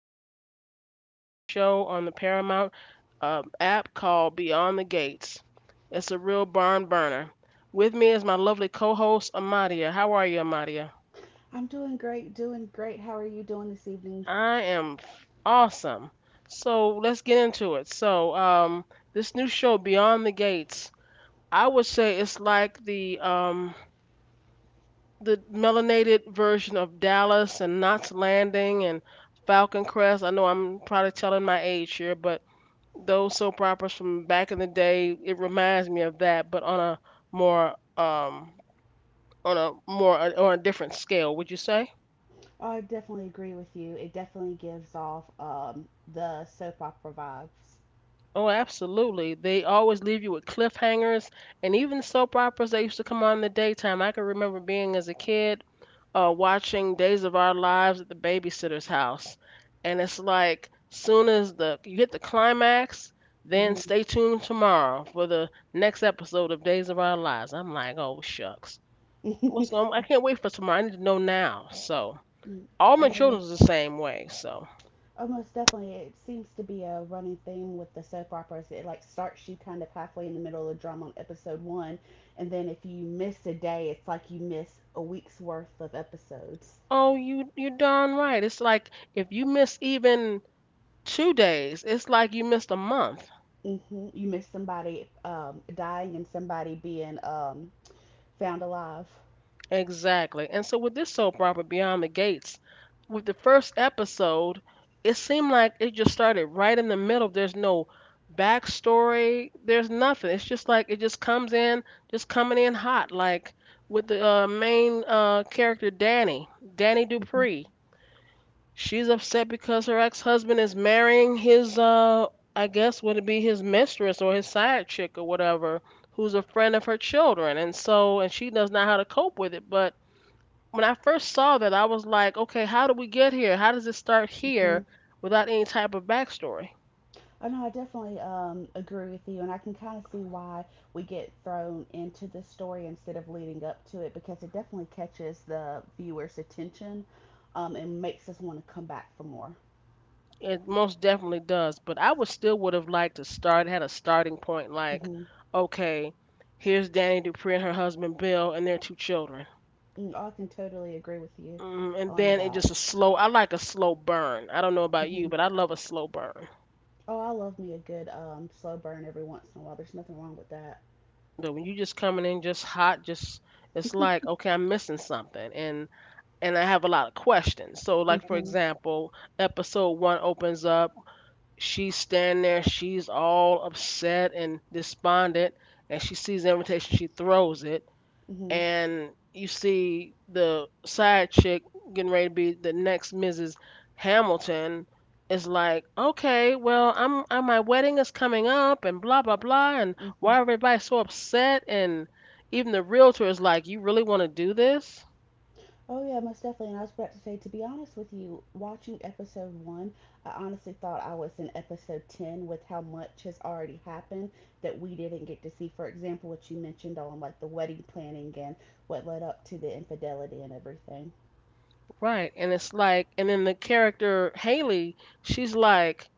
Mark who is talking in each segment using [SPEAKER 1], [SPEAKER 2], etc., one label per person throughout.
[SPEAKER 1] we're talking about the hit show on the Paramount app called Beyond the Gates. It's a real barn burner. With me is my lovely co-host Amadia. How are you, Amadia?
[SPEAKER 2] I'm doing great, doing great. How are you doing this evening?
[SPEAKER 1] I am awesome. So let's get into it. So, this new show Beyond the Gates, I would say it's like the the melanated version of Dallas and Knots Landing and Falcon Crest. I know I'm probably telling my age here, but those soap operas from back in the day, it reminds me of that, but on a more on a different scale. Would you say?
[SPEAKER 2] I definitely agree with you. It definitely gives off the soap opera vibes.
[SPEAKER 1] Oh, absolutely. They always leave you with cliffhangers, and even soap operas that used to come on in the daytime. I can remember being as a kid watching Days of Our Lives at the babysitter's house, and it's like soon as the you hit the climax, then
[SPEAKER 2] Mm-hmm.
[SPEAKER 1] stay tuned tomorrow for the next episode of Days of Our Lives. I'm like, oh shucks, what's going? I
[SPEAKER 2] I,
[SPEAKER 1] can't wait for tomorrow. I need to know now. So
[SPEAKER 2] mm,
[SPEAKER 1] all
[SPEAKER 2] I
[SPEAKER 1] my
[SPEAKER 2] know
[SPEAKER 1] children's the
[SPEAKER 2] that's
[SPEAKER 1] same way. So
[SPEAKER 2] almost definitely. It seems to be a running theme with the soap operas. It like starts you kind of halfway in the middle of the drama on episode one, and then if you miss a day, it's like you miss a week's worth of episodes.
[SPEAKER 1] oh, you you're darn right. It's like if you miss even 2 days. It's like you missed a month.
[SPEAKER 2] You miss somebody dying and somebody being found alive.
[SPEAKER 1] Exactly. And so with this soap opera, Beyond the Gates, with the first episode, it seemed like it just started right in the middle. There's no backstory. There's nothing. It's just like it just comes in, just coming in hot. Like with the main character, Danny, Danny
[SPEAKER 2] Mm-hmm.
[SPEAKER 1] Dupree. She's upset because her ex-husband is marrying his I guess would it be his mistress or his side chick or whatever, who's a friend of her children. And so and she doesn't know how to cope with it. But when I first saw that I was like, okay, how do we get here? How does it start here
[SPEAKER 2] Mm.
[SPEAKER 1] without any type of backstory?
[SPEAKER 2] Oh no, I definitely agree with you, and I can kind of see why we get thrown into the story instead of leading up to it because it definitely catches the viewer's attention, and makes us want to come back for more.
[SPEAKER 1] It most definitely does. But I would still would have liked to start had a starting point like,
[SPEAKER 2] hmm
[SPEAKER 1] okay, here's Danny Dupree and her husband Bill and their two children.
[SPEAKER 2] I can totally agree with you
[SPEAKER 1] Hmm. And
[SPEAKER 2] on
[SPEAKER 1] then it
[SPEAKER 2] that.
[SPEAKER 1] just a slow. I like a slow burn. I don't know about you,
[SPEAKER 2] hmm
[SPEAKER 1] but I love a slow burn.
[SPEAKER 2] Oh, I love me a good slow burn every once in a while. There's nothing wrong with that.
[SPEAKER 1] But when you just coming in just hot, just it's like okay, I'm missing something, and I have a lot of questions. So like for
[SPEAKER 2] hmm
[SPEAKER 1] example, episode one opens up. She's standing there. She's all upset and despondent, and she sees the invitation. She throws it
[SPEAKER 2] hmm
[SPEAKER 1] and you see the side chick getting ready to be the next Mrs. Hamilton, it's like, okay, well, I'm, I my wedding is coming up, and blah blah blah, and
[SPEAKER 2] hmm
[SPEAKER 1] why everybody so upset? And even the realtor is like, you really want to do this,
[SPEAKER 2] Oh yeah, most definitely. And I was about to say, to be honest with you, watching episode one, I honestly thought I was in episode ten with how much has already happened that we didn't get to see. For example, what you mentioned on like the wedding planning and what led up to the infidelity and everything.
[SPEAKER 1] right? And it's like, and then the character Haley, she's like,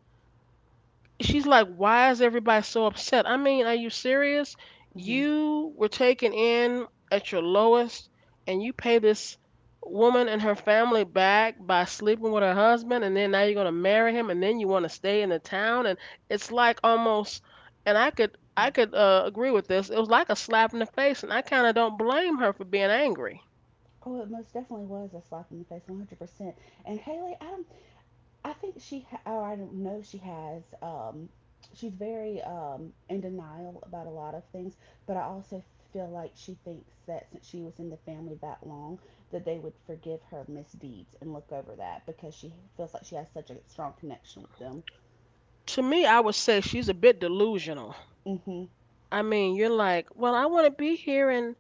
[SPEAKER 1] she's like, why is everybody so upset? I mean, are you serious?
[SPEAKER 2] hmm
[SPEAKER 1] You were taken in at your lowest, and you pay this woman and her family back by sleeping with her husband, and then now you're gonna marry him, and then you want to stay in the town, and it's like almost, and I could agree with this. It was like a slap in the face, and I kind of don't blame her for being angry.
[SPEAKER 2] Oh, it most definitely was a slap in the face, 100%. And Haley, I think she, ha- or I don't know, she has. She's very in denial about a lot of things, but I also feel like she thinks that since she was in the family that long, that they would forgive her misdeeds and look over that because she feels like she has such a strong connection with them.
[SPEAKER 1] To me, I would say she's a bit delusional.
[SPEAKER 2] Mhm.
[SPEAKER 1] I mean, you're like, well, I want to be here, and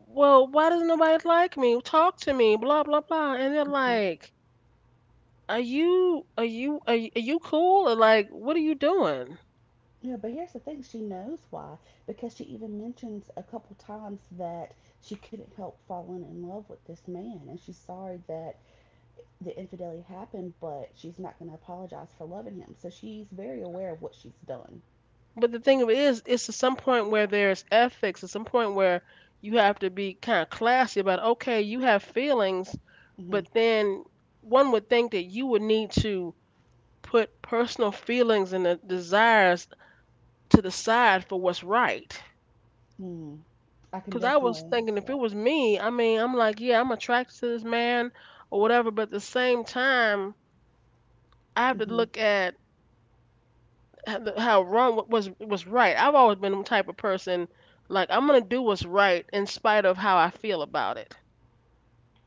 [SPEAKER 1] well, why doesn't nobody like me? Talk to me, blah blah blah. And they're
[SPEAKER 2] Mhm.
[SPEAKER 1] like, are you cool or like what are you doing?
[SPEAKER 2] Yeah, but here's the thing: she knows why because she even mentions a couple times that she couldn't help falling in love with this man, and she's sorry that the infidelity happened, but she's not going to apologize for loving him. So she's very aware of what she's done.
[SPEAKER 1] But the thing of it is, it's to some point where there's ethics, at some point where you have to be kind of classy about, okay, you have feelings,
[SPEAKER 2] Mm-hmm.
[SPEAKER 1] but then one would think that you would need to put personal feelings and the desires to the side for what's right.
[SPEAKER 2] Mm. I can
[SPEAKER 1] Cause I was
[SPEAKER 2] definitely
[SPEAKER 1] thinking
[SPEAKER 2] guess
[SPEAKER 1] if it
[SPEAKER 2] that.
[SPEAKER 1] was me, I mean, I'm like, yeah, I'm attracted to this man or whatever, but at the same time, I have to
[SPEAKER 2] Mm-hmm.
[SPEAKER 1] look at how wrong what was right. I've always been the type of person like I'm gonna do what's right in spite of how I feel about it.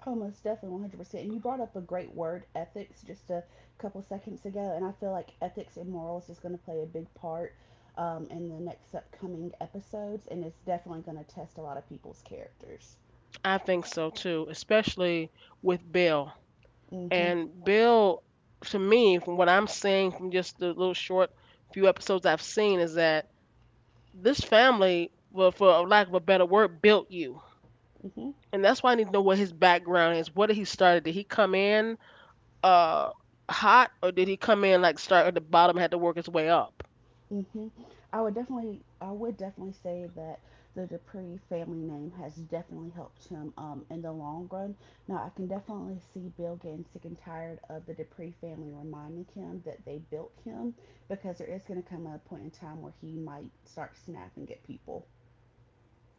[SPEAKER 2] Oh, most definitely, 100%. And you brought up a great word, ethics, just a couple seconds ago. And I feel like ethics and morals is going to play a big part in the next upcoming episodes. And it's definitely going to test a lot of people's characters.
[SPEAKER 1] I think so too, especially with Bill.
[SPEAKER 2] Mm-hmm.
[SPEAKER 1] And Bill, to me, from what I'm seeing from just the little short few episodes I've seen, is that this family, well, for lack of a better word, built you
[SPEAKER 2] Mm-hmm.
[SPEAKER 1] and that's why I need to know what his background is. What did he start? Did he come in uh hot, or did he come in like start at the bottom, and had to work his way up?
[SPEAKER 2] hmm I would definitely say that the Dupree family name has definitely helped him in the long run. Now, I can definitely see Bill getting sick and tired of the Dupree family reminding him that they built him, because there is going to come a point in time where he might start snapping at people.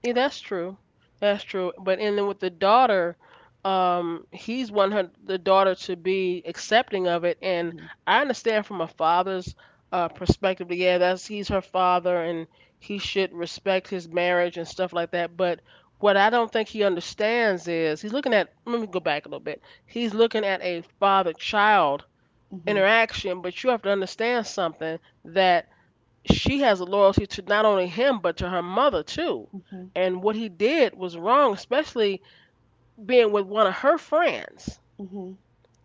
[SPEAKER 1] Yeah, that's true. That's true. But and then with the daughter, he's want her the daughter to be accepting of it, and
[SPEAKER 2] Mm-hmm.
[SPEAKER 1] I understand from a father's perspective. That, yeah, that's he's her father, and he should respect his marriage and stuff like that. But what I don't think he understands is he's looking at. Let me go back a little bit. He's looking at a father-child
[SPEAKER 2] Mm-hmm.
[SPEAKER 1] interaction, but you have to understand something that she has a loyalty to not only him but to her mother too.
[SPEAKER 2] Mm-hmm.
[SPEAKER 1] And what he did was wrong, especially being with one of her friends.
[SPEAKER 2] Mm-hmm.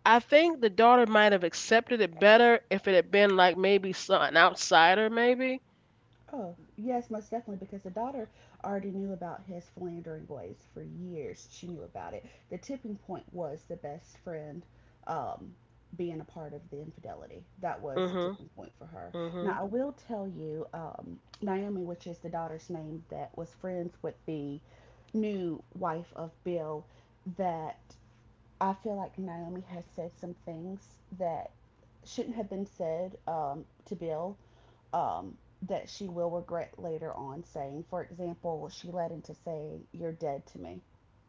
[SPEAKER 1] I think the daughter might have accepted it better if it had been like maybe an outsider, maybe.
[SPEAKER 2] Oh, yes, most definitely, because the daughter already knew about his philandering ways for years. She knew about it. The tipping point was the best friend um, being a part of the infidelity. That was the
[SPEAKER 1] Mhm.
[SPEAKER 2] tipping point for her. Now,
[SPEAKER 1] Mhm.
[SPEAKER 2] I will tell you, Naomi, which is the daughter's name that was friends with the new wife of Bill, that I feel like Naomi has said some things that shouldn't have been said to Bill um, that she will regret later on saying. For example, well, she led into saying, "You're dead to me.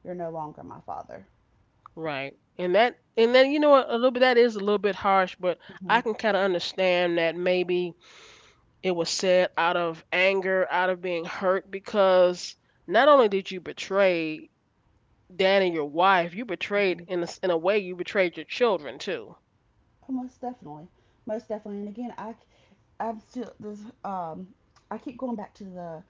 [SPEAKER 2] You're no longer my father."
[SPEAKER 1] Right. And that and then you know what, a little bit that is a little bit harsh, but
[SPEAKER 2] hmm
[SPEAKER 1] I can kind of understand that maybe it was said out of anger, out of being hurt because not only did you betray dad and your wife, you betrayed
[SPEAKER 2] hmm
[SPEAKER 1] in in a way you betrayed your children too.
[SPEAKER 2] Most definitely. Most definitely. And again, I'm still, this, I keep going back to the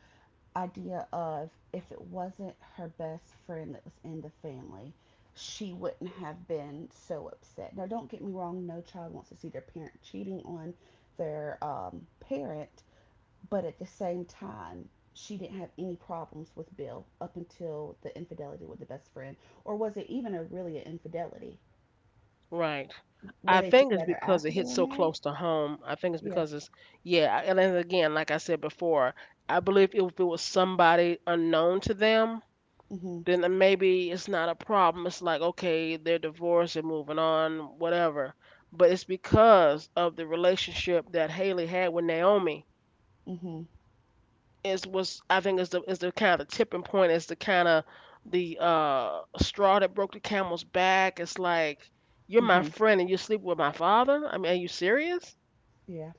[SPEAKER 2] idea of if it wasn't her best friend that was in the family, she wouldn't have been so upset. Now, don't get me wrong, no child wants to see their parent cheating on their parent, but at the same time, she didn't have any problems with Bill up until the infidelity with the best friend. Or was it even a really an infidelity?
[SPEAKER 1] Right.
[SPEAKER 2] Were
[SPEAKER 1] I
[SPEAKER 2] they
[SPEAKER 1] think it's
[SPEAKER 2] together
[SPEAKER 1] because
[SPEAKER 2] after
[SPEAKER 1] it
[SPEAKER 2] they
[SPEAKER 1] hits
[SPEAKER 2] were
[SPEAKER 1] so
[SPEAKER 2] married?
[SPEAKER 1] close to home. I think it's
[SPEAKER 2] Yeah.
[SPEAKER 1] because it's yeah, and then again, like I said before, I believe if it was somebody unknown to them,
[SPEAKER 2] Mhm.
[SPEAKER 1] maybe it's not a problem. It's like okay, they're divorced and moving on, whatever. But it's because of the relationship that Haley had with Naomi
[SPEAKER 2] Mhm.
[SPEAKER 1] is was I think is the kind of the tipping point is the kind of the straw that broke the camel's back. It's like you're my
[SPEAKER 2] Mhm.
[SPEAKER 1] friend and you sleep with my father. I mean, are you serious?
[SPEAKER 2] Yeah.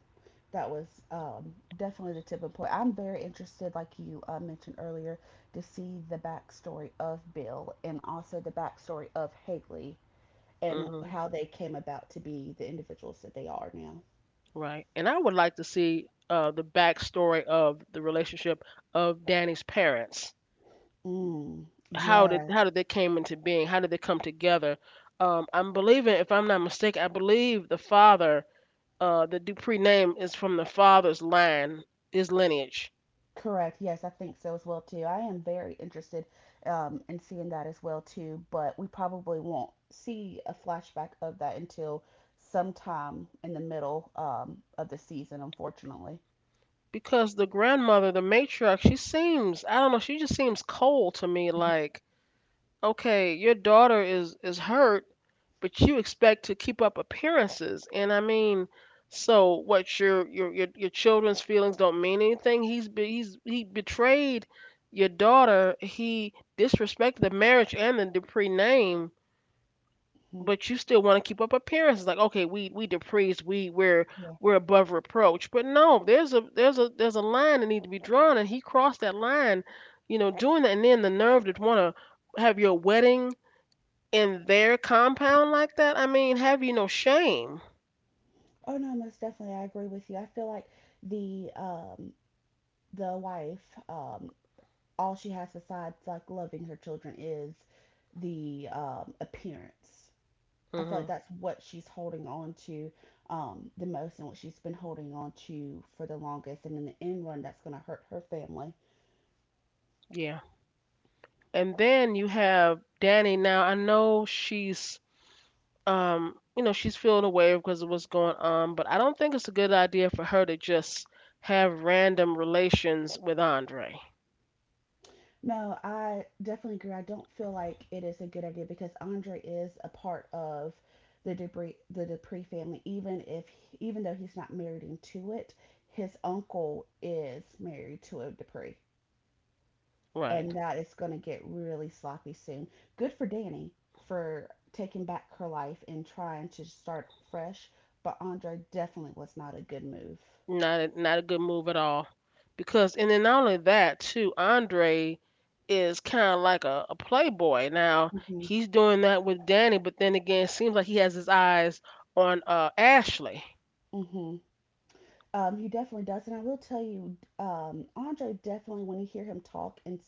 [SPEAKER 2] That was definitely the tipping point. I'm very interested, like you mentioned earlier, to see the backstory of Bill and also the backstory of Haley and
[SPEAKER 1] Mhm.
[SPEAKER 2] how they came about to be the individuals that they are now.
[SPEAKER 1] Right. And I would like to see the backstory of the relationship of Danny's parents.
[SPEAKER 2] Mm, yes.
[SPEAKER 1] How did they came into being? How did they come together? I'm believing, if I'm not mistaken, I believe the Dupree name is from the father's line, his lineage.
[SPEAKER 2] Correct. Yes, I think so as well too. I am very interested in seeing that as well too, but we probably won't see a flashback of that until sometime in the middle of the season, unfortunately.
[SPEAKER 1] Because the grandmother, the matriarch, she seems, I don't know, she just seems cold to me like, okay, your daughter is hurt, but you expect to keep up appearances. And I mean, so what your children's feelings don't mean anything? He betrayed your daughter. He disrespected the marriage and the Dupree name,
[SPEAKER 2] Mhm.
[SPEAKER 1] but you still want to keep up appearances like okay, we we're
[SPEAKER 2] Yeah.
[SPEAKER 1] above reproach. But no, there's a, there's a line that needs to be drawn and he crossed that line, you know, doing that. And then the nerve to want to have your wedding in their compound like that, I mean, have you no shame.
[SPEAKER 2] Oh no, most definitely, I agree with you. I feel like the um, the wife, all she has besides like loving her children is the appearance. I feel
[SPEAKER 1] Hmm.
[SPEAKER 2] like that's what she's holding on to the most and what she's been holding on to for the longest. And in the end run, that's going to hurt her family.
[SPEAKER 1] Yeah, and then you have Danny. Now I know she's, um, you know, she's feeling away because of what's going on, but I don't think it's a good idea for her to just have random relations with Andre.
[SPEAKER 2] No, I definitely agree. I don't feel like it is a good idea because Andre is a part of the Dupree family, even though he's not married into it, his uncle is married to a Dupree,
[SPEAKER 1] Right.
[SPEAKER 2] and that is going to get really sloppy soon. Good for Danny for taking back her life and trying to start fresh, but Andre definitely was not a good move.
[SPEAKER 1] Not a, not a good move at all. Because and then not only that too, Andre is kind of like a playboy now.
[SPEAKER 2] hmm
[SPEAKER 1] He's doing that with Danny but then again it seems like he has his eyes on Ashley.
[SPEAKER 2] hmm he definitely does, and I will tell you, Andre definitely when you hear him talk and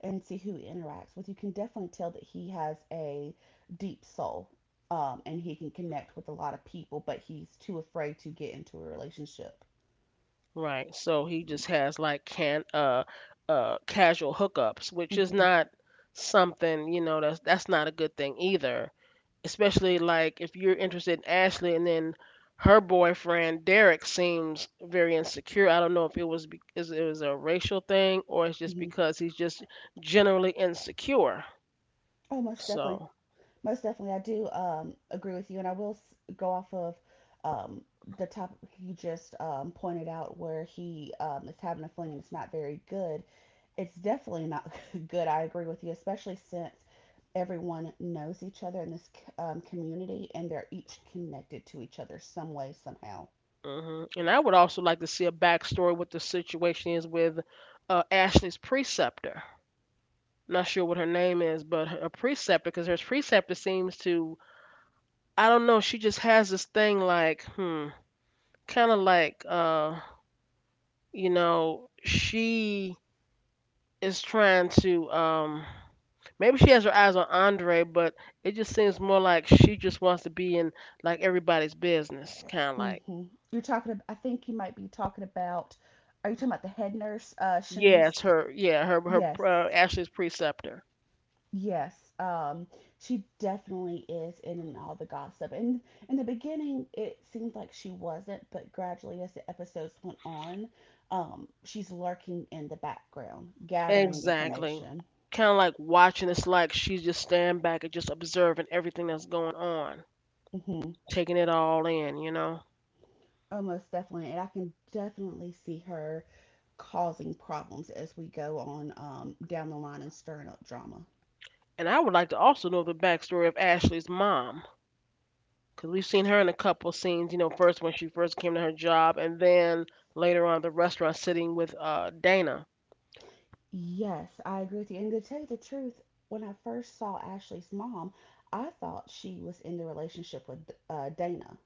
[SPEAKER 2] and see who he interacts with, you can definitely tell that he has a deep soul, and he can connect with a lot of people, but he's too afraid to get into a relationship.
[SPEAKER 1] Right. So he just has like can casual hookups, which is
[SPEAKER 2] hmm
[SPEAKER 1] not something, you know, that's not a good thing either. Especially like if you're interested in Ashley and then her boyfriend Derek seems very insecure. I don't know if it was be- is it was a racial thing or it's just
[SPEAKER 2] hmm
[SPEAKER 1] because he's just generally insecure.
[SPEAKER 2] Oh, most definitely.
[SPEAKER 1] So,
[SPEAKER 2] Most definitely, I do agree with you, and I will go off of um, the topic you just pointed out, where he is having a fling and it's not very good. It's definitely not good. I agree with you, especially since everyone knows each other in this community, and they're each connected to each other some way, somehow.
[SPEAKER 1] hmm, and I would also like to see a backstory what the situation is with Ashley's preceptor. Not sure what her name is, but her, a preceptor, because her preceptor seems to, I don't know, she just has this thing like, hmm, kind of like, you know, she is trying to, maybe she has her eyes on Andre, but it just seems more like she just wants to be in like everybody's business, kind of like.
[SPEAKER 2] hmm I think you might be talking about. Are you talking about the head nurse, Shanice?
[SPEAKER 1] Yes, her. Yeah, her
[SPEAKER 2] Yes.
[SPEAKER 1] her Ashley's preceptor.
[SPEAKER 2] Yes, she definitely is in and all the gossip. And in the beginning, it seemed like she wasn't, but gradually, as the episodes went on, she's lurking in the background, gathering
[SPEAKER 1] Exactly.
[SPEAKER 2] information.
[SPEAKER 1] Kind of like watching. It's like she's just standing back and just observing everything that's going on.
[SPEAKER 2] Mm-hmm.
[SPEAKER 1] Taking it all in, you know.
[SPEAKER 2] Almost definitely, and I can definitely see her causing problems as we go on down the line and stirring up drama.
[SPEAKER 1] And I would like to also know the backstory of Ashley's mom, because we've seen her in a couple scenes, you know, first when she first came to her job, and then later on at the restaurant sitting with Dana.
[SPEAKER 2] Yes, I agree with you. And to tell you the truth, when I first saw Ashley's mom, I thought she was in the relationship with Dana.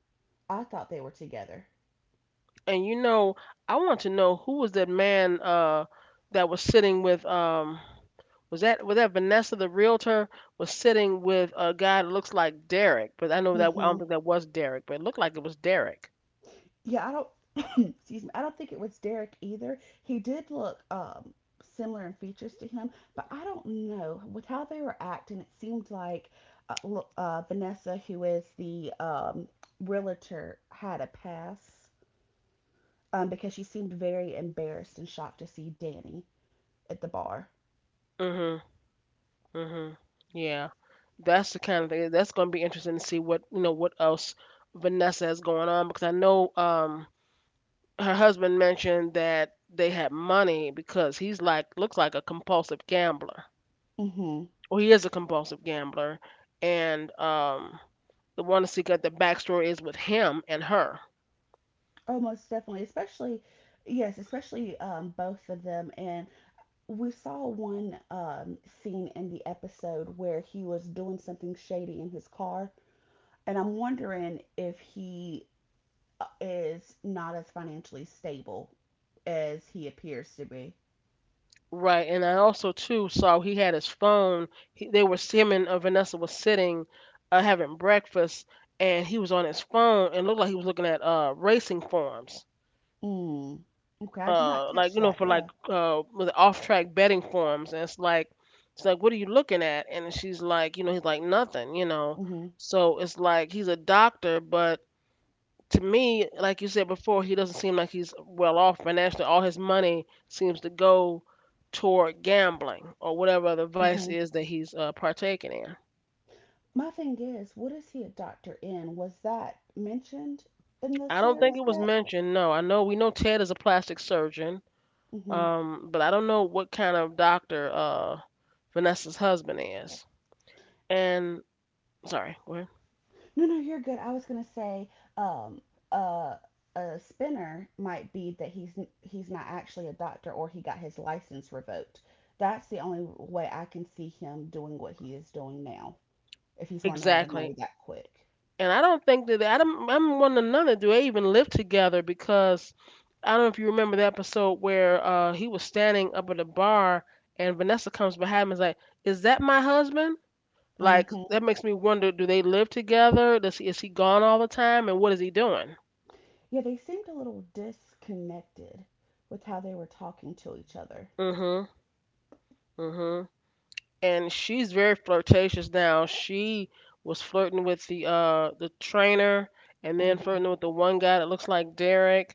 [SPEAKER 2] I thought they were together.
[SPEAKER 1] And you know, I want to know who was that man that was sitting with was that Vanessa the realtor was sitting with a guy that looks like Derek, but I know that I
[SPEAKER 2] hmm
[SPEAKER 1] don't think that was Derek, but it looked like it was Derek.
[SPEAKER 2] Yeah, I don't. excuse me. I don't think it was Derek either. He did look similar in features to him, but I don't know with how they were acting. It seemed like Vanessa, who is the realtor, had a pass because she seemed very embarrassed and shocked to see Danny at the bar.
[SPEAKER 1] Hmm. Mhm. Yeah. That's the kind of thing that's going to be interesting to see what, you know, what else Vanessa has going on because I know her husband mentioned that they had money because he's like looks like a compulsive gambler.
[SPEAKER 2] Mm-hmm.
[SPEAKER 1] Well, he is a compulsive gambler and the one to see what the backstory is with him and her.
[SPEAKER 2] Oh, most definitely. Especially, yes, especially both of them. And we saw one scene in the episode where he was doing something shady in his car. And I'm wondering if he is not as financially stable as he appears to be.
[SPEAKER 1] Right, and I also too saw he had his phone. They were him and Vanessa was sitting, having breakfast, and he was on his phone and looked like he was looking at racing forums,
[SPEAKER 2] Mm. Okay, I did not
[SPEAKER 1] like
[SPEAKER 2] catch
[SPEAKER 1] you know
[SPEAKER 2] that.
[SPEAKER 1] for like
[SPEAKER 2] Yeah.
[SPEAKER 1] with off track betting forums. And it's like what are you looking at? And she's like you know he's like nothing you know.
[SPEAKER 2] Mm-hmm.
[SPEAKER 1] So it's like he's a doctor, but to me, like you said before, he doesn't seem like he's well off financially. All his money seems to go toward gambling or whatever the vice
[SPEAKER 2] Mm-hmm.
[SPEAKER 1] is that he's partaking in.
[SPEAKER 2] My thing is, what is he a doctor in? Was that mentioned in the
[SPEAKER 1] I don't think
[SPEAKER 2] series
[SPEAKER 1] it was
[SPEAKER 2] yet?
[SPEAKER 1] mentioned. No, I know we know Ted is a plastic surgeon, but I don't know what kind of doctor Vanessa's husband is. And sorry, go ahead.
[SPEAKER 2] No, no, you're good. I was gonna say, um, uh, a spinner might be that he's not actually a doctor or he got his license revoked. That's the only way I can see him doing what he is doing now. If he's running out of
[SPEAKER 1] Exactly.
[SPEAKER 2] money that quick.
[SPEAKER 1] And I don't think that I don't, I'm one another. Do they even live together? Because I don't know if you remember the episode where he was standing up at a bar and Vanessa comes behind him and is like, "Is that my husband?" Like
[SPEAKER 2] hmm
[SPEAKER 1] that makes me wonder: Do they live together? Does he is he gone all the time? And what is he doing?
[SPEAKER 2] Yeah, they seemed a little disconnected with how they were talking to each other.
[SPEAKER 1] Mm. Mhm, mhm. And she's very flirtatious now. She was flirting with the trainer and then
[SPEAKER 2] hmm
[SPEAKER 1] flirting with the one guy that looks like Derek.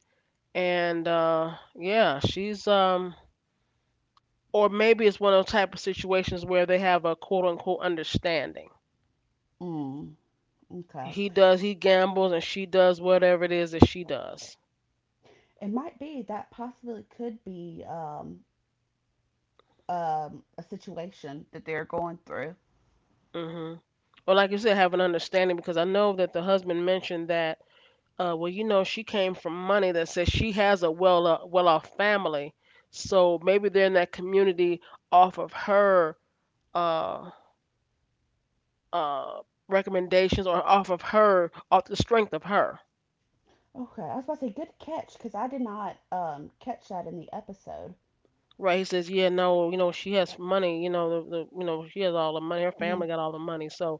[SPEAKER 1] And yeah, she's or maybe it's one of those type of situations where they have a quote unquote understanding.
[SPEAKER 2] Mm, okay.
[SPEAKER 1] He does, he gambles, and she does whatever it is that she does.
[SPEAKER 2] It might be that possibly could be a situation that they're going through.
[SPEAKER 1] Mm hmm. Or like you said, have an understanding because I know that the husband mentioned that. Well, you know, she came from money that says she has a well off family, so maybe they're in that community off of her uh uh recommendations or off the strength of her.
[SPEAKER 2] Okay, I was about to say good catch because I did not catch that in the episode.
[SPEAKER 1] Right, he says, yeah, no, you know, she has money, you know, the you know, she has all the money, her
[SPEAKER 2] Mhm,
[SPEAKER 1] family got all the money, so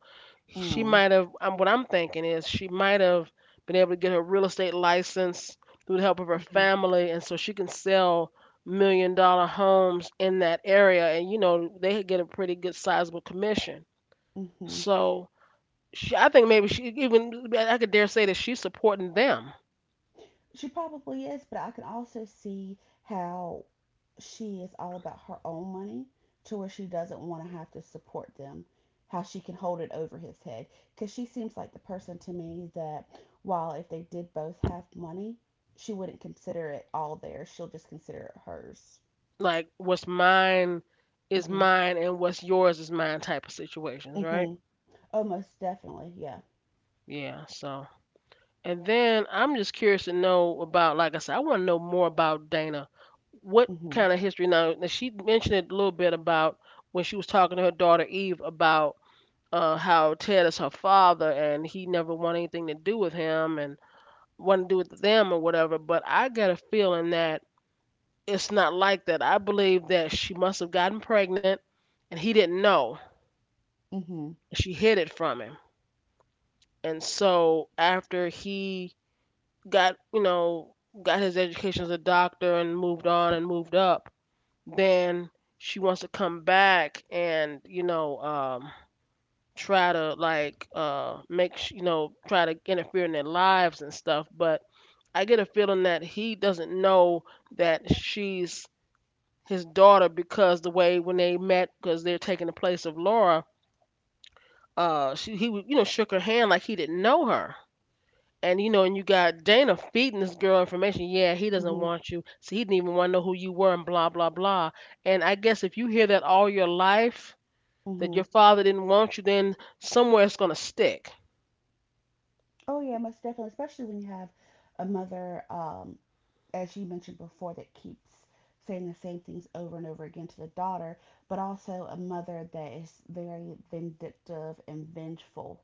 [SPEAKER 1] she
[SPEAKER 2] mm,
[SPEAKER 1] might have. What I'm thinking is she might have been able to get her real estate license through the help of her
[SPEAKER 2] mhm,
[SPEAKER 1] family, and so she can sell $1 million homes in that area, and you know, they could get a pretty good sizable commission.
[SPEAKER 2] mhm.
[SPEAKER 1] So I think maybe she even I could dare say that she's supporting them,
[SPEAKER 2] She probably is, but I can also see how she is all about her own money to where she doesn't want to have to support them. How she can hold it over his head because she seems like the person to me that while if they did both have money, she wouldn't consider it all theirs. She'll just consider it hers.
[SPEAKER 1] like what's mine is
[SPEAKER 2] Mhm,
[SPEAKER 1] mine and what's yours is mine type of situations, right?
[SPEAKER 2] mhm. Oh, most definitely, yeah.
[SPEAKER 1] Yeah, so and then I'm just curious to know about, like I said, I want to know more about Dana. What
[SPEAKER 2] Mhm,
[SPEAKER 1] kind of history? Now she mentioned it a little bit about when she was talking to her daughter Eve about how Ted is her father and he never wanted anything to do with him and wanted to do with them or whatever. But I got a feeling that it's not like that. I believe that she must have gotten pregnant and he didn't know.
[SPEAKER 2] mhm,
[SPEAKER 1] She hid it from him. And so after he got you know got his education as a doctor and moved on and moved up then she wants to come back and you know try to like you know try to interfere in their lives and stuff but I get a feeling that he doesn't know that she's his daughter because the way when they met because they're taking the place of Laura, she he you know shook her hand like he didn't know her. And you know, and you got Dana feeding this girl information. Yeah, he doesn't
[SPEAKER 2] mhm.
[SPEAKER 1] want you, so he didn't even want to know who you were, and blah blah blah. And I guess if you hear that all your life that
[SPEAKER 2] Mm-hmm.
[SPEAKER 1] your father didn't want you, then somewhere it's gonna stick,
[SPEAKER 2] Oh yeah, most definitely. Especially when you have a mother, as you mentioned before, that keeps saying the same things over and over again to the daughter, but also a mother that is very vindictive and vengeful,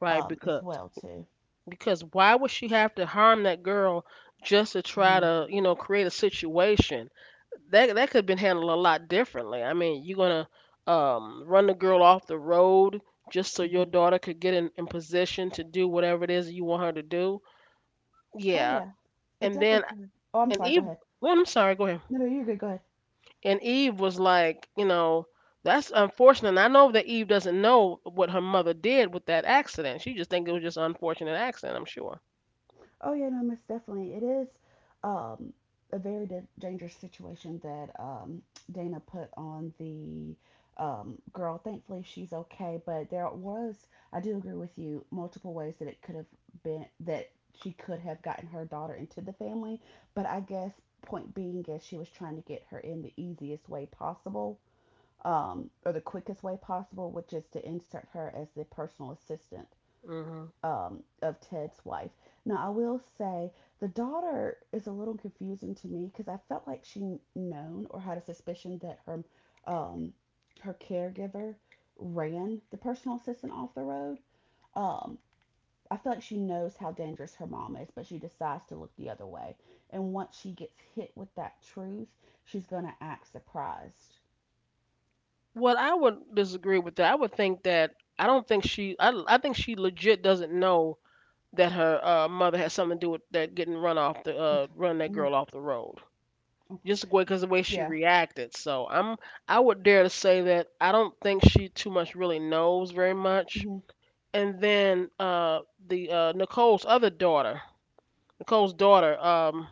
[SPEAKER 1] right?
[SPEAKER 2] as well too.
[SPEAKER 1] Because why would she have to harm that girl just to try
[SPEAKER 2] Mm-hmm.
[SPEAKER 1] to you know create a situation? That that could have been handled a lot differently. I mean, you're gonna run the girl off the road just so your
[SPEAKER 2] Mm-hmm.
[SPEAKER 1] daughter could get in position to do whatever it is you want her to do.
[SPEAKER 2] Oh
[SPEAKER 1] Yeah,
[SPEAKER 2] yeah, it
[SPEAKER 1] and then
[SPEAKER 2] definitely could. Oh, I'm
[SPEAKER 1] and
[SPEAKER 2] sorry. Go
[SPEAKER 1] Eve.
[SPEAKER 2] ahead.
[SPEAKER 1] Well, I'm sorry. Go ahead.
[SPEAKER 2] No, no, you're good. Go ahead.
[SPEAKER 1] And Eve was like, you know, that's unfortunate. And I know that Eve doesn't know what her mother did with that accident. She just think it was just an unfortunate accident. I'm sure.
[SPEAKER 2] Oh yeah, no, most definitely. It is um, a very dangerous situation that Dana put on the girl. Thankfully, she's okay, but there was, I do agree with you, multiple ways that it could have been that she could have gotten her daughter into the family. But I guess point being is she was trying to get her in the easiest way possible. Or the quickest way possible, which is to insert her as the personal assistant
[SPEAKER 1] Hmm.
[SPEAKER 2] of Ted's wife. Now, I will say the daughter is a little confusing to me because I felt like she known or had a suspicion that her um, her caregiver ran the personal assistant off the road. Um, I feel like she knows how dangerous her mom is, but she decides to look the other way. And once she gets hit with that truth, she's gonna act surprised.
[SPEAKER 1] Well, I would disagree with that. I would think that I don't think she. I think she legit doesn't know that her mother had something to do with that getting run off the
[SPEAKER 2] Okay.
[SPEAKER 1] run that
[SPEAKER 2] Hmm.
[SPEAKER 1] girl off the road. Just because the way she
[SPEAKER 2] Yeah.
[SPEAKER 1] reacted. I would dare to say that I don't think she too much really knows very much.
[SPEAKER 2] Hmm.
[SPEAKER 1] And then the Nicole's other daughter, Nicole's daughter,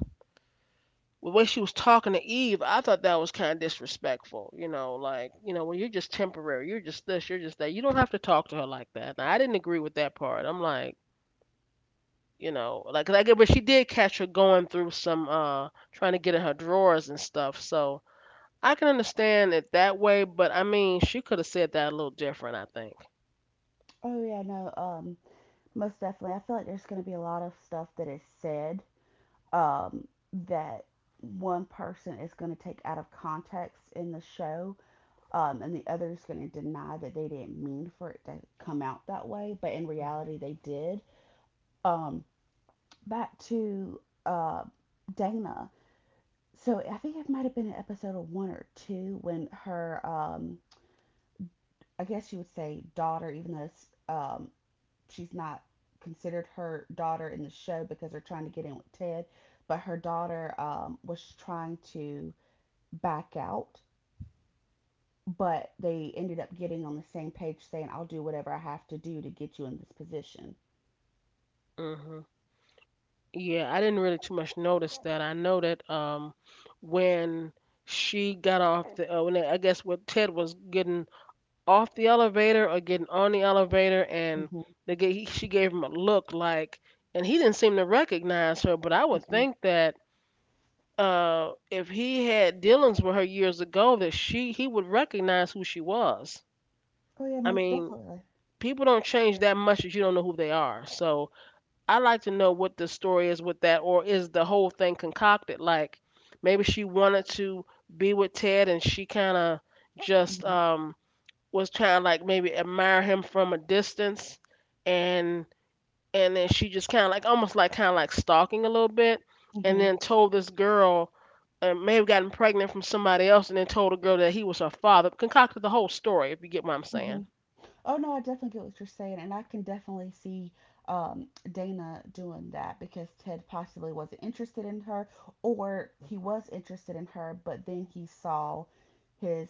[SPEAKER 1] the way she was talking to Eve, I thought that was kind of disrespectful. You know, like you know well, you're just temporary, you're just this, you're just that. You don't have to talk to her like that. Now, I didn't agree with that part. I'm like. You know, but she did catch her going through some, trying to get in her drawers and stuff. So, I can understand it that way, but I mean, she could have said that a little different, I think.
[SPEAKER 2] Oh yeah. No. Most definitely. I feel like there's going to be a lot of stuff that is said, um, that one person is going to take out of context in the show, and the other is going to deny that they didn't mean for it to come out that way, but in reality, they did. Um, Back to uh, Dana. So I think it might have been an episode of one or two when her, I guess you would say daughter, even though it's she's not considered her daughter in the show because they're trying to get in with Ted, but her daughter was trying to back out, but they ended up getting on the same page saying, I'll do whatever I have to do to get you in this position.
[SPEAKER 1] Hmm. Yeah, I didn't really too much notice that. I know that when she got off the, when they, I guess when Ted was getting off the elevator or getting on the elevator, and
[SPEAKER 2] Hmm.
[SPEAKER 1] she gave him a look like, and he didn't seem to recognize her. But I would
[SPEAKER 2] Hmm.
[SPEAKER 1] think that if he had dealings with her years ago, that she he would recognize who she was.
[SPEAKER 2] Oh, yeah,
[SPEAKER 1] I
[SPEAKER 2] most
[SPEAKER 1] mean,
[SPEAKER 2] definitely.
[SPEAKER 1] people don't change that much that you don't know who they are. So I like to know what the story is with that, or is the whole thing concocted? Like maybe she wanted to be with Ted, and she kind of just
[SPEAKER 2] Hmm.
[SPEAKER 1] was trying to like maybe admire him from a distance, and and then she just almost like stalking a little bit and
[SPEAKER 2] Hmm.
[SPEAKER 1] then told this girl and may have gotten pregnant from somebody else and then told a girl that he was her father concocted the whole story if you get what I'm
[SPEAKER 2] Hmm.
[SPEAKER 1] saying.
[SPEAKER 2] Oh no, I definitely get what you're saying, and I can definitely see Dana doing that because Ted possibly wasn't interested in her, or he was interested in her, but then he saw his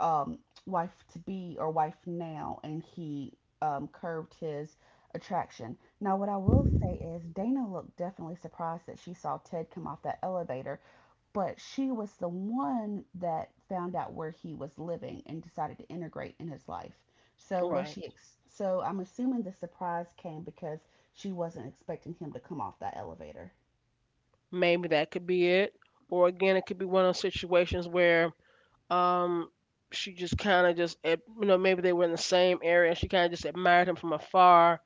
[SPEAKER 2] um, wife to be or wife now, and he curved his attraction. Now, what I will say is Dana looked definitely surprised that she saw Ted come off that elevator, but she was the one that found out where he was living and decided to integrate in his life. So was
[SPEAKER 1] Right,
[SPEAKER 2] she? So I'm assuming the surprise came because she wasn't expecting him to come off that elevator.
[SPEAKER 1] maybe that could be it, or again it could be one of those situations where um she just kind of just you know maybe they were in the same area and she kind of just admired him from afar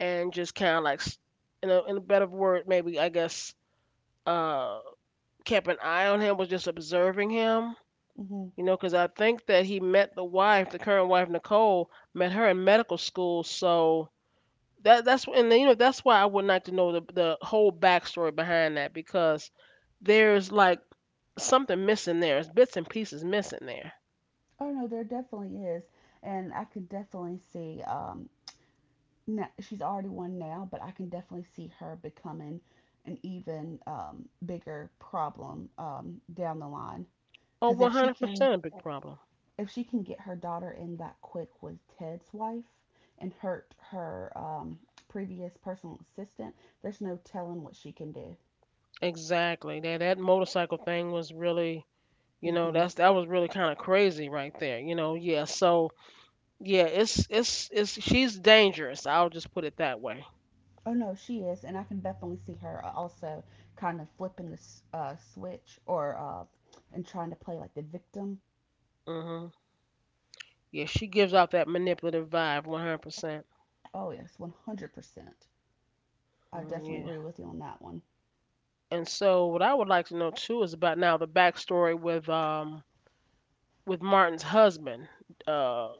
[SPEAKER 1] and just in in a better word maybe I guess uh kept an eye on him, was just observing him.
[SPEAKER 2] Hmm.
[SPEAKER 1] You know, because I think that he met the wife, the current wife Nicole, met her in medical school. So that that's and you know that's why I would like to know the whole backstory behind that because there's like something missing there. There's bits and pieces missing there.
[SPEAKER 2] Oh no, there definitely is, and I can definitely see. Now, she's already one now, but I can definitely see her becoming an even bigger problem down the line.
[SPEAKER 1] Oh,
[SPEAKER 2] Because
[SPEAKER 1] 100% a big problem.
[SPEAKER 2] if she can get her daughter in that quick with Ted's wife and hurt her previous personal assistant, there's no telling what she can do.
[SPEAKER 1] Exactly. That that motorcycle thing was really, you know,
[SPEAKER 2] Mm-hmm.
[SPEAKER 1] that's that was really kind of crazy right there. You know, yeah. So yeah, it's she's dangerous. I'll just put it that way.
[SPEAKER 2] Oh no, she is, and I can definitely see her also kind of flipping the switch or and trying to play like the victim.
[SPEAKER 1] Mm-hmm. Yeah, she gives off that manipulative vibe, 100%.
[SPEAKER 2] Oh yes, 100%. I
[SPEAKER 1] Mm,
[SPEAKER 2] definitely
[SPEAKER 1] yeah.
[SPEAKER 2] agree with you on that one.
[SPEAKER 1] And so, what I would like to know too is about now the backstory with Martin's husband, uh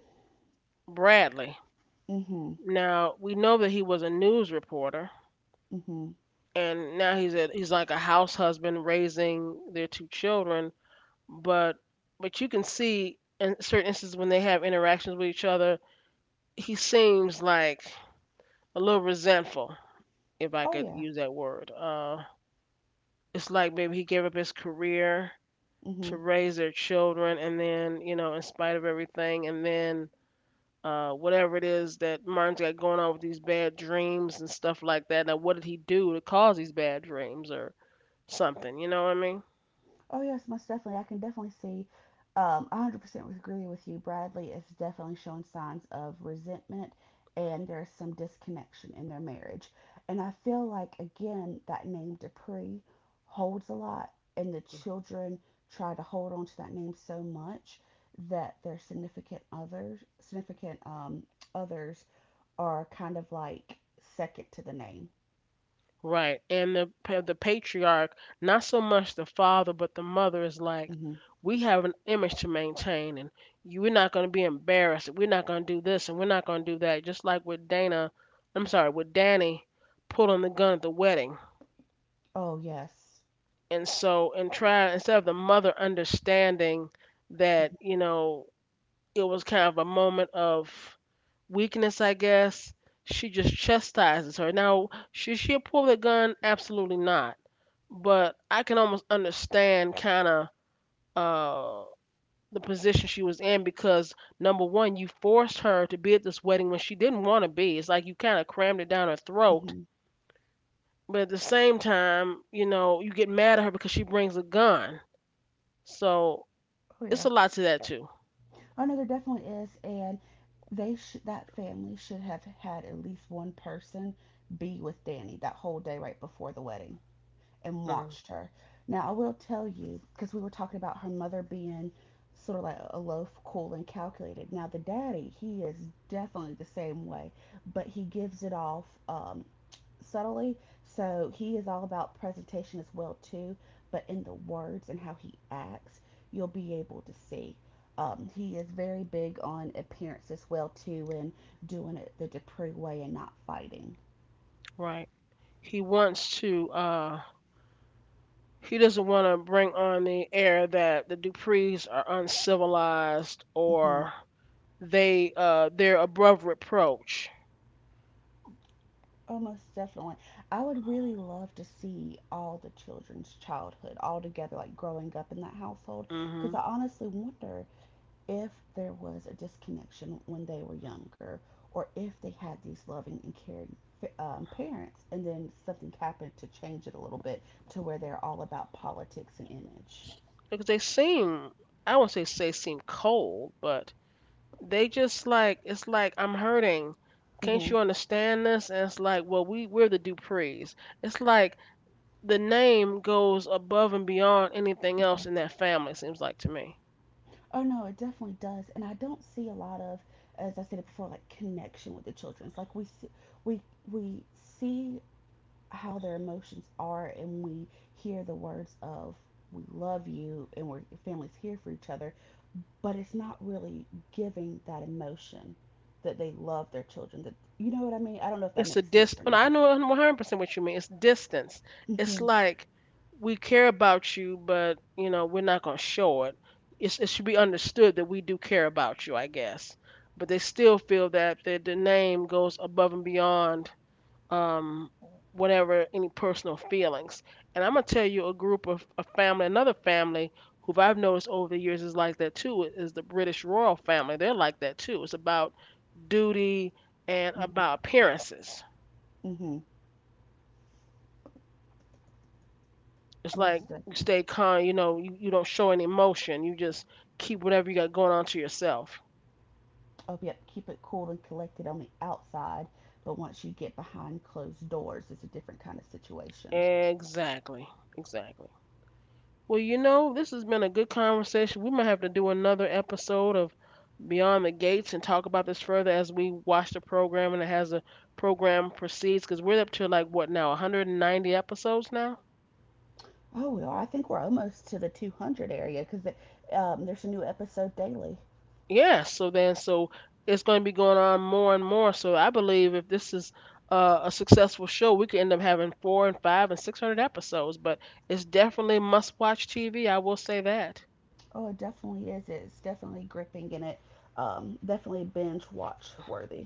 [SPEAKER 1] Bradley.
[SPEAKER 2] Mm-hmm.
[SPEAKER 1] Now we know that he was a news reporter,
[SPEAKER 2] Mm-hmm.
[SPEAKER 1] and now he's a he's like a house husband raising their two children. But but you can see in certain instances when they have interactions with each other, he seems like a little resentful, if I
[SPEAKER 2] Oh
[SPEAKER 1] could
[SPEAKER 2] yeah.
[SPEAKER 1] use that word. It's like maybe he gave up his career
[SPEAKER 2] Mm-hmm.
[SPEAKER 1] to raise their children and then in spite of everything and then whatever it is that martin's got going on with these bad dreams and stuff like that. Now what did he do to cause these bad dreams or something, you know what I mean?
[SPEAKER 2] Oh yes, most definitely. I can definitely see. I 100% agree with you. Bradley is definitely showing signs of resentment, and there's some disconnection in their marriage. And I feel like again that name Dupree holds a lot, and the children try to hold on to that name so much that their significant others are kind of like second to the name.
[SPEAKER 1] Right. And the the patriarch, not so much the father, but the mother is like,
[SPEAKER 2] Hmm.
[SPEAKER 1] we have an image to maintain, and you, we're not going to be embarrassed. We're not going to do this, and we're not going to do that. Just like with Dana, I'm sorry, with Danny pulling the gun at the wedding.
[SPEAKER 2] Oh yes.
[SPEAKER 1] And so, and try instead of the mother understanding that,
[SPEAKER 2] Hmm.
[SPEAKER 1] you know, it was kind of a moment of weakness, I guess. She just chastises her. Now, should she have pulled the gun? Absolutely not, but I can almost understand kind of uh the position she was in because number one, you forced her to be at this wedding when she didn't want to be. It's like you kind of crammed it down her throat,
[SPEAKER 2] Hmm.
[SPEAKER 1] but at the same time, you know, you get mad at her because she brings a gun. So
[SPEAKER 2] Oh
[SPEAKER 1] it's
[SPEAKER 2] yeah.
[SPEAKER 1] a lot to that too.
[SPEAKER 2] Oh no, there definitely is, and they should that family should have had at least one person be with Danny that whole day right before the wedding and
[SPEAKER 1] Hmm.
[SPEAKER 2] watched her. Now I will tell you because we were talking about her mother being sort of like a loaf, cool and calculated. Now the daddy, he is definitely the same way, but he gives it off subtly. So he is all about presentation as well too, but in the words and how he acts, you'll be able to see. He is very big on appearance as well too, and doing it the Dupree way and not fighting.
[SPEAKER 1] Right. He wants to. He doesn't want to bring on the air that the Duprees are uncivilized
[SPEAKER 2] Mm-hmm.
[SPEAKER 1] or they they're above reproach.
[SPEAKER 2] Almost definitely. I would really love to see all the children's childhood all together, like growing up in that household, because I
[SPEAKER 1] Hmm.
[SPEAKER 2] honestly wonder if there was a disconnection when they were younger or if they had these loving and caring parents and then something happened to change it a little bit to where they're all about politics and image.
[SPEAKER 1] Because they seem, I won't say seem cold, but they just like, it's like I'm hurting. Can't
[SPEAKER 2] Hmm.
[SPEAKER 1] you understand this? And it's like, well, we're the Duprees. It's like the name goes above and beyond anything else in that family. Seems like to me.
[SPEAKER 2] Oh no, it definitely does, and I don't see a lot of, as I said it before, like connection with the children. It's like we see, we we see how their emotions are, and we hear the words of "we love you" and "we're your family's here for each other," but it's not really giving that emotion that they love their children. That you know what I mean? I don't know if that
[SPEAKER 1] It's a
[SPEAKER 2] makes sense
[SPEAKER 1] dist.
[SPEAKER 2] or
[SPEAKER 1] Well, I
[SPEAKER 2] not.
[SPEAKER 1] know 100% what you mean. It's distance. It's
[SPEAKER 2] Mhm.
[SPEAKER 1] like we care about you, but you know we're not gonna show it. It should be understood that we do care about you, I guess. But they still feel that the name goes above and beyond um, whatever any personal feelings. And I'm gonna tell you a group of a family, another family who I've noticed over the years is like that too. Is the British royal family? They're like that too. It's about duty and
[SPEAKER 2] Mhm.
[SPEAKER 1] about appearances.
[SPEAKER 2] Mhm.
[SPEAKER 1] It's like
[SPEAKER 2] Most
[SPEAKER 1] you
[SPEAKER 2] definitely.
[SPEAKER 1] stay calm, you know, you don't show any emotion. You just keep whatever you got going on to yourself.
[SPEAKER 2] Oh, yep. Keep it cool and collected on the outside, but once you get behind closed doors, it's a different kind of situation.
[SPEAKER 1] Exactly. Exactly. Well, you know, this has been a good conversation. We might have to do another episode of Beyond the Gates and talk about this further as we watch the program and as the program proceeds because we're up to like what now, 190 episodes now?
[SPEAKER 2] Oh, we are. I think we're almost to the 200 area because there's a new episode daily.
[SPEAKER 1] Yeah, so then it's going to be going on more and more. So I believe if this is a successful show, we could end up having 4 and 5 and 600 episodes. But it's definitely must-watch TV. I will say that.
[SPEAKER 2] Oh, it definitely is. It's definitely gripping and it definitely binge watch worthy.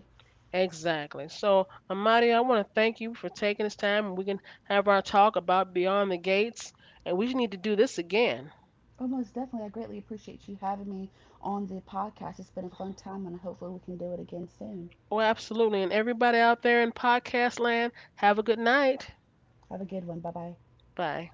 [SPEAKER 1] Exactly. So Amadi, I want to thank you for taking this time, and we can have our talk about Beyond the Gates. And we just need to do this again.
[SPEAKER 2] Oh, most definitely. I greatly appreciate you having me on the podcast. It's been a fun time, and hopefully, we can do it again soon.
[SPEAKER 1] Oh, absolutely. And everybody out there in podcast land, have a good night.
[SPEAKER 2] Have a good one. Bye bye.
[SPEAKER 1] Bye.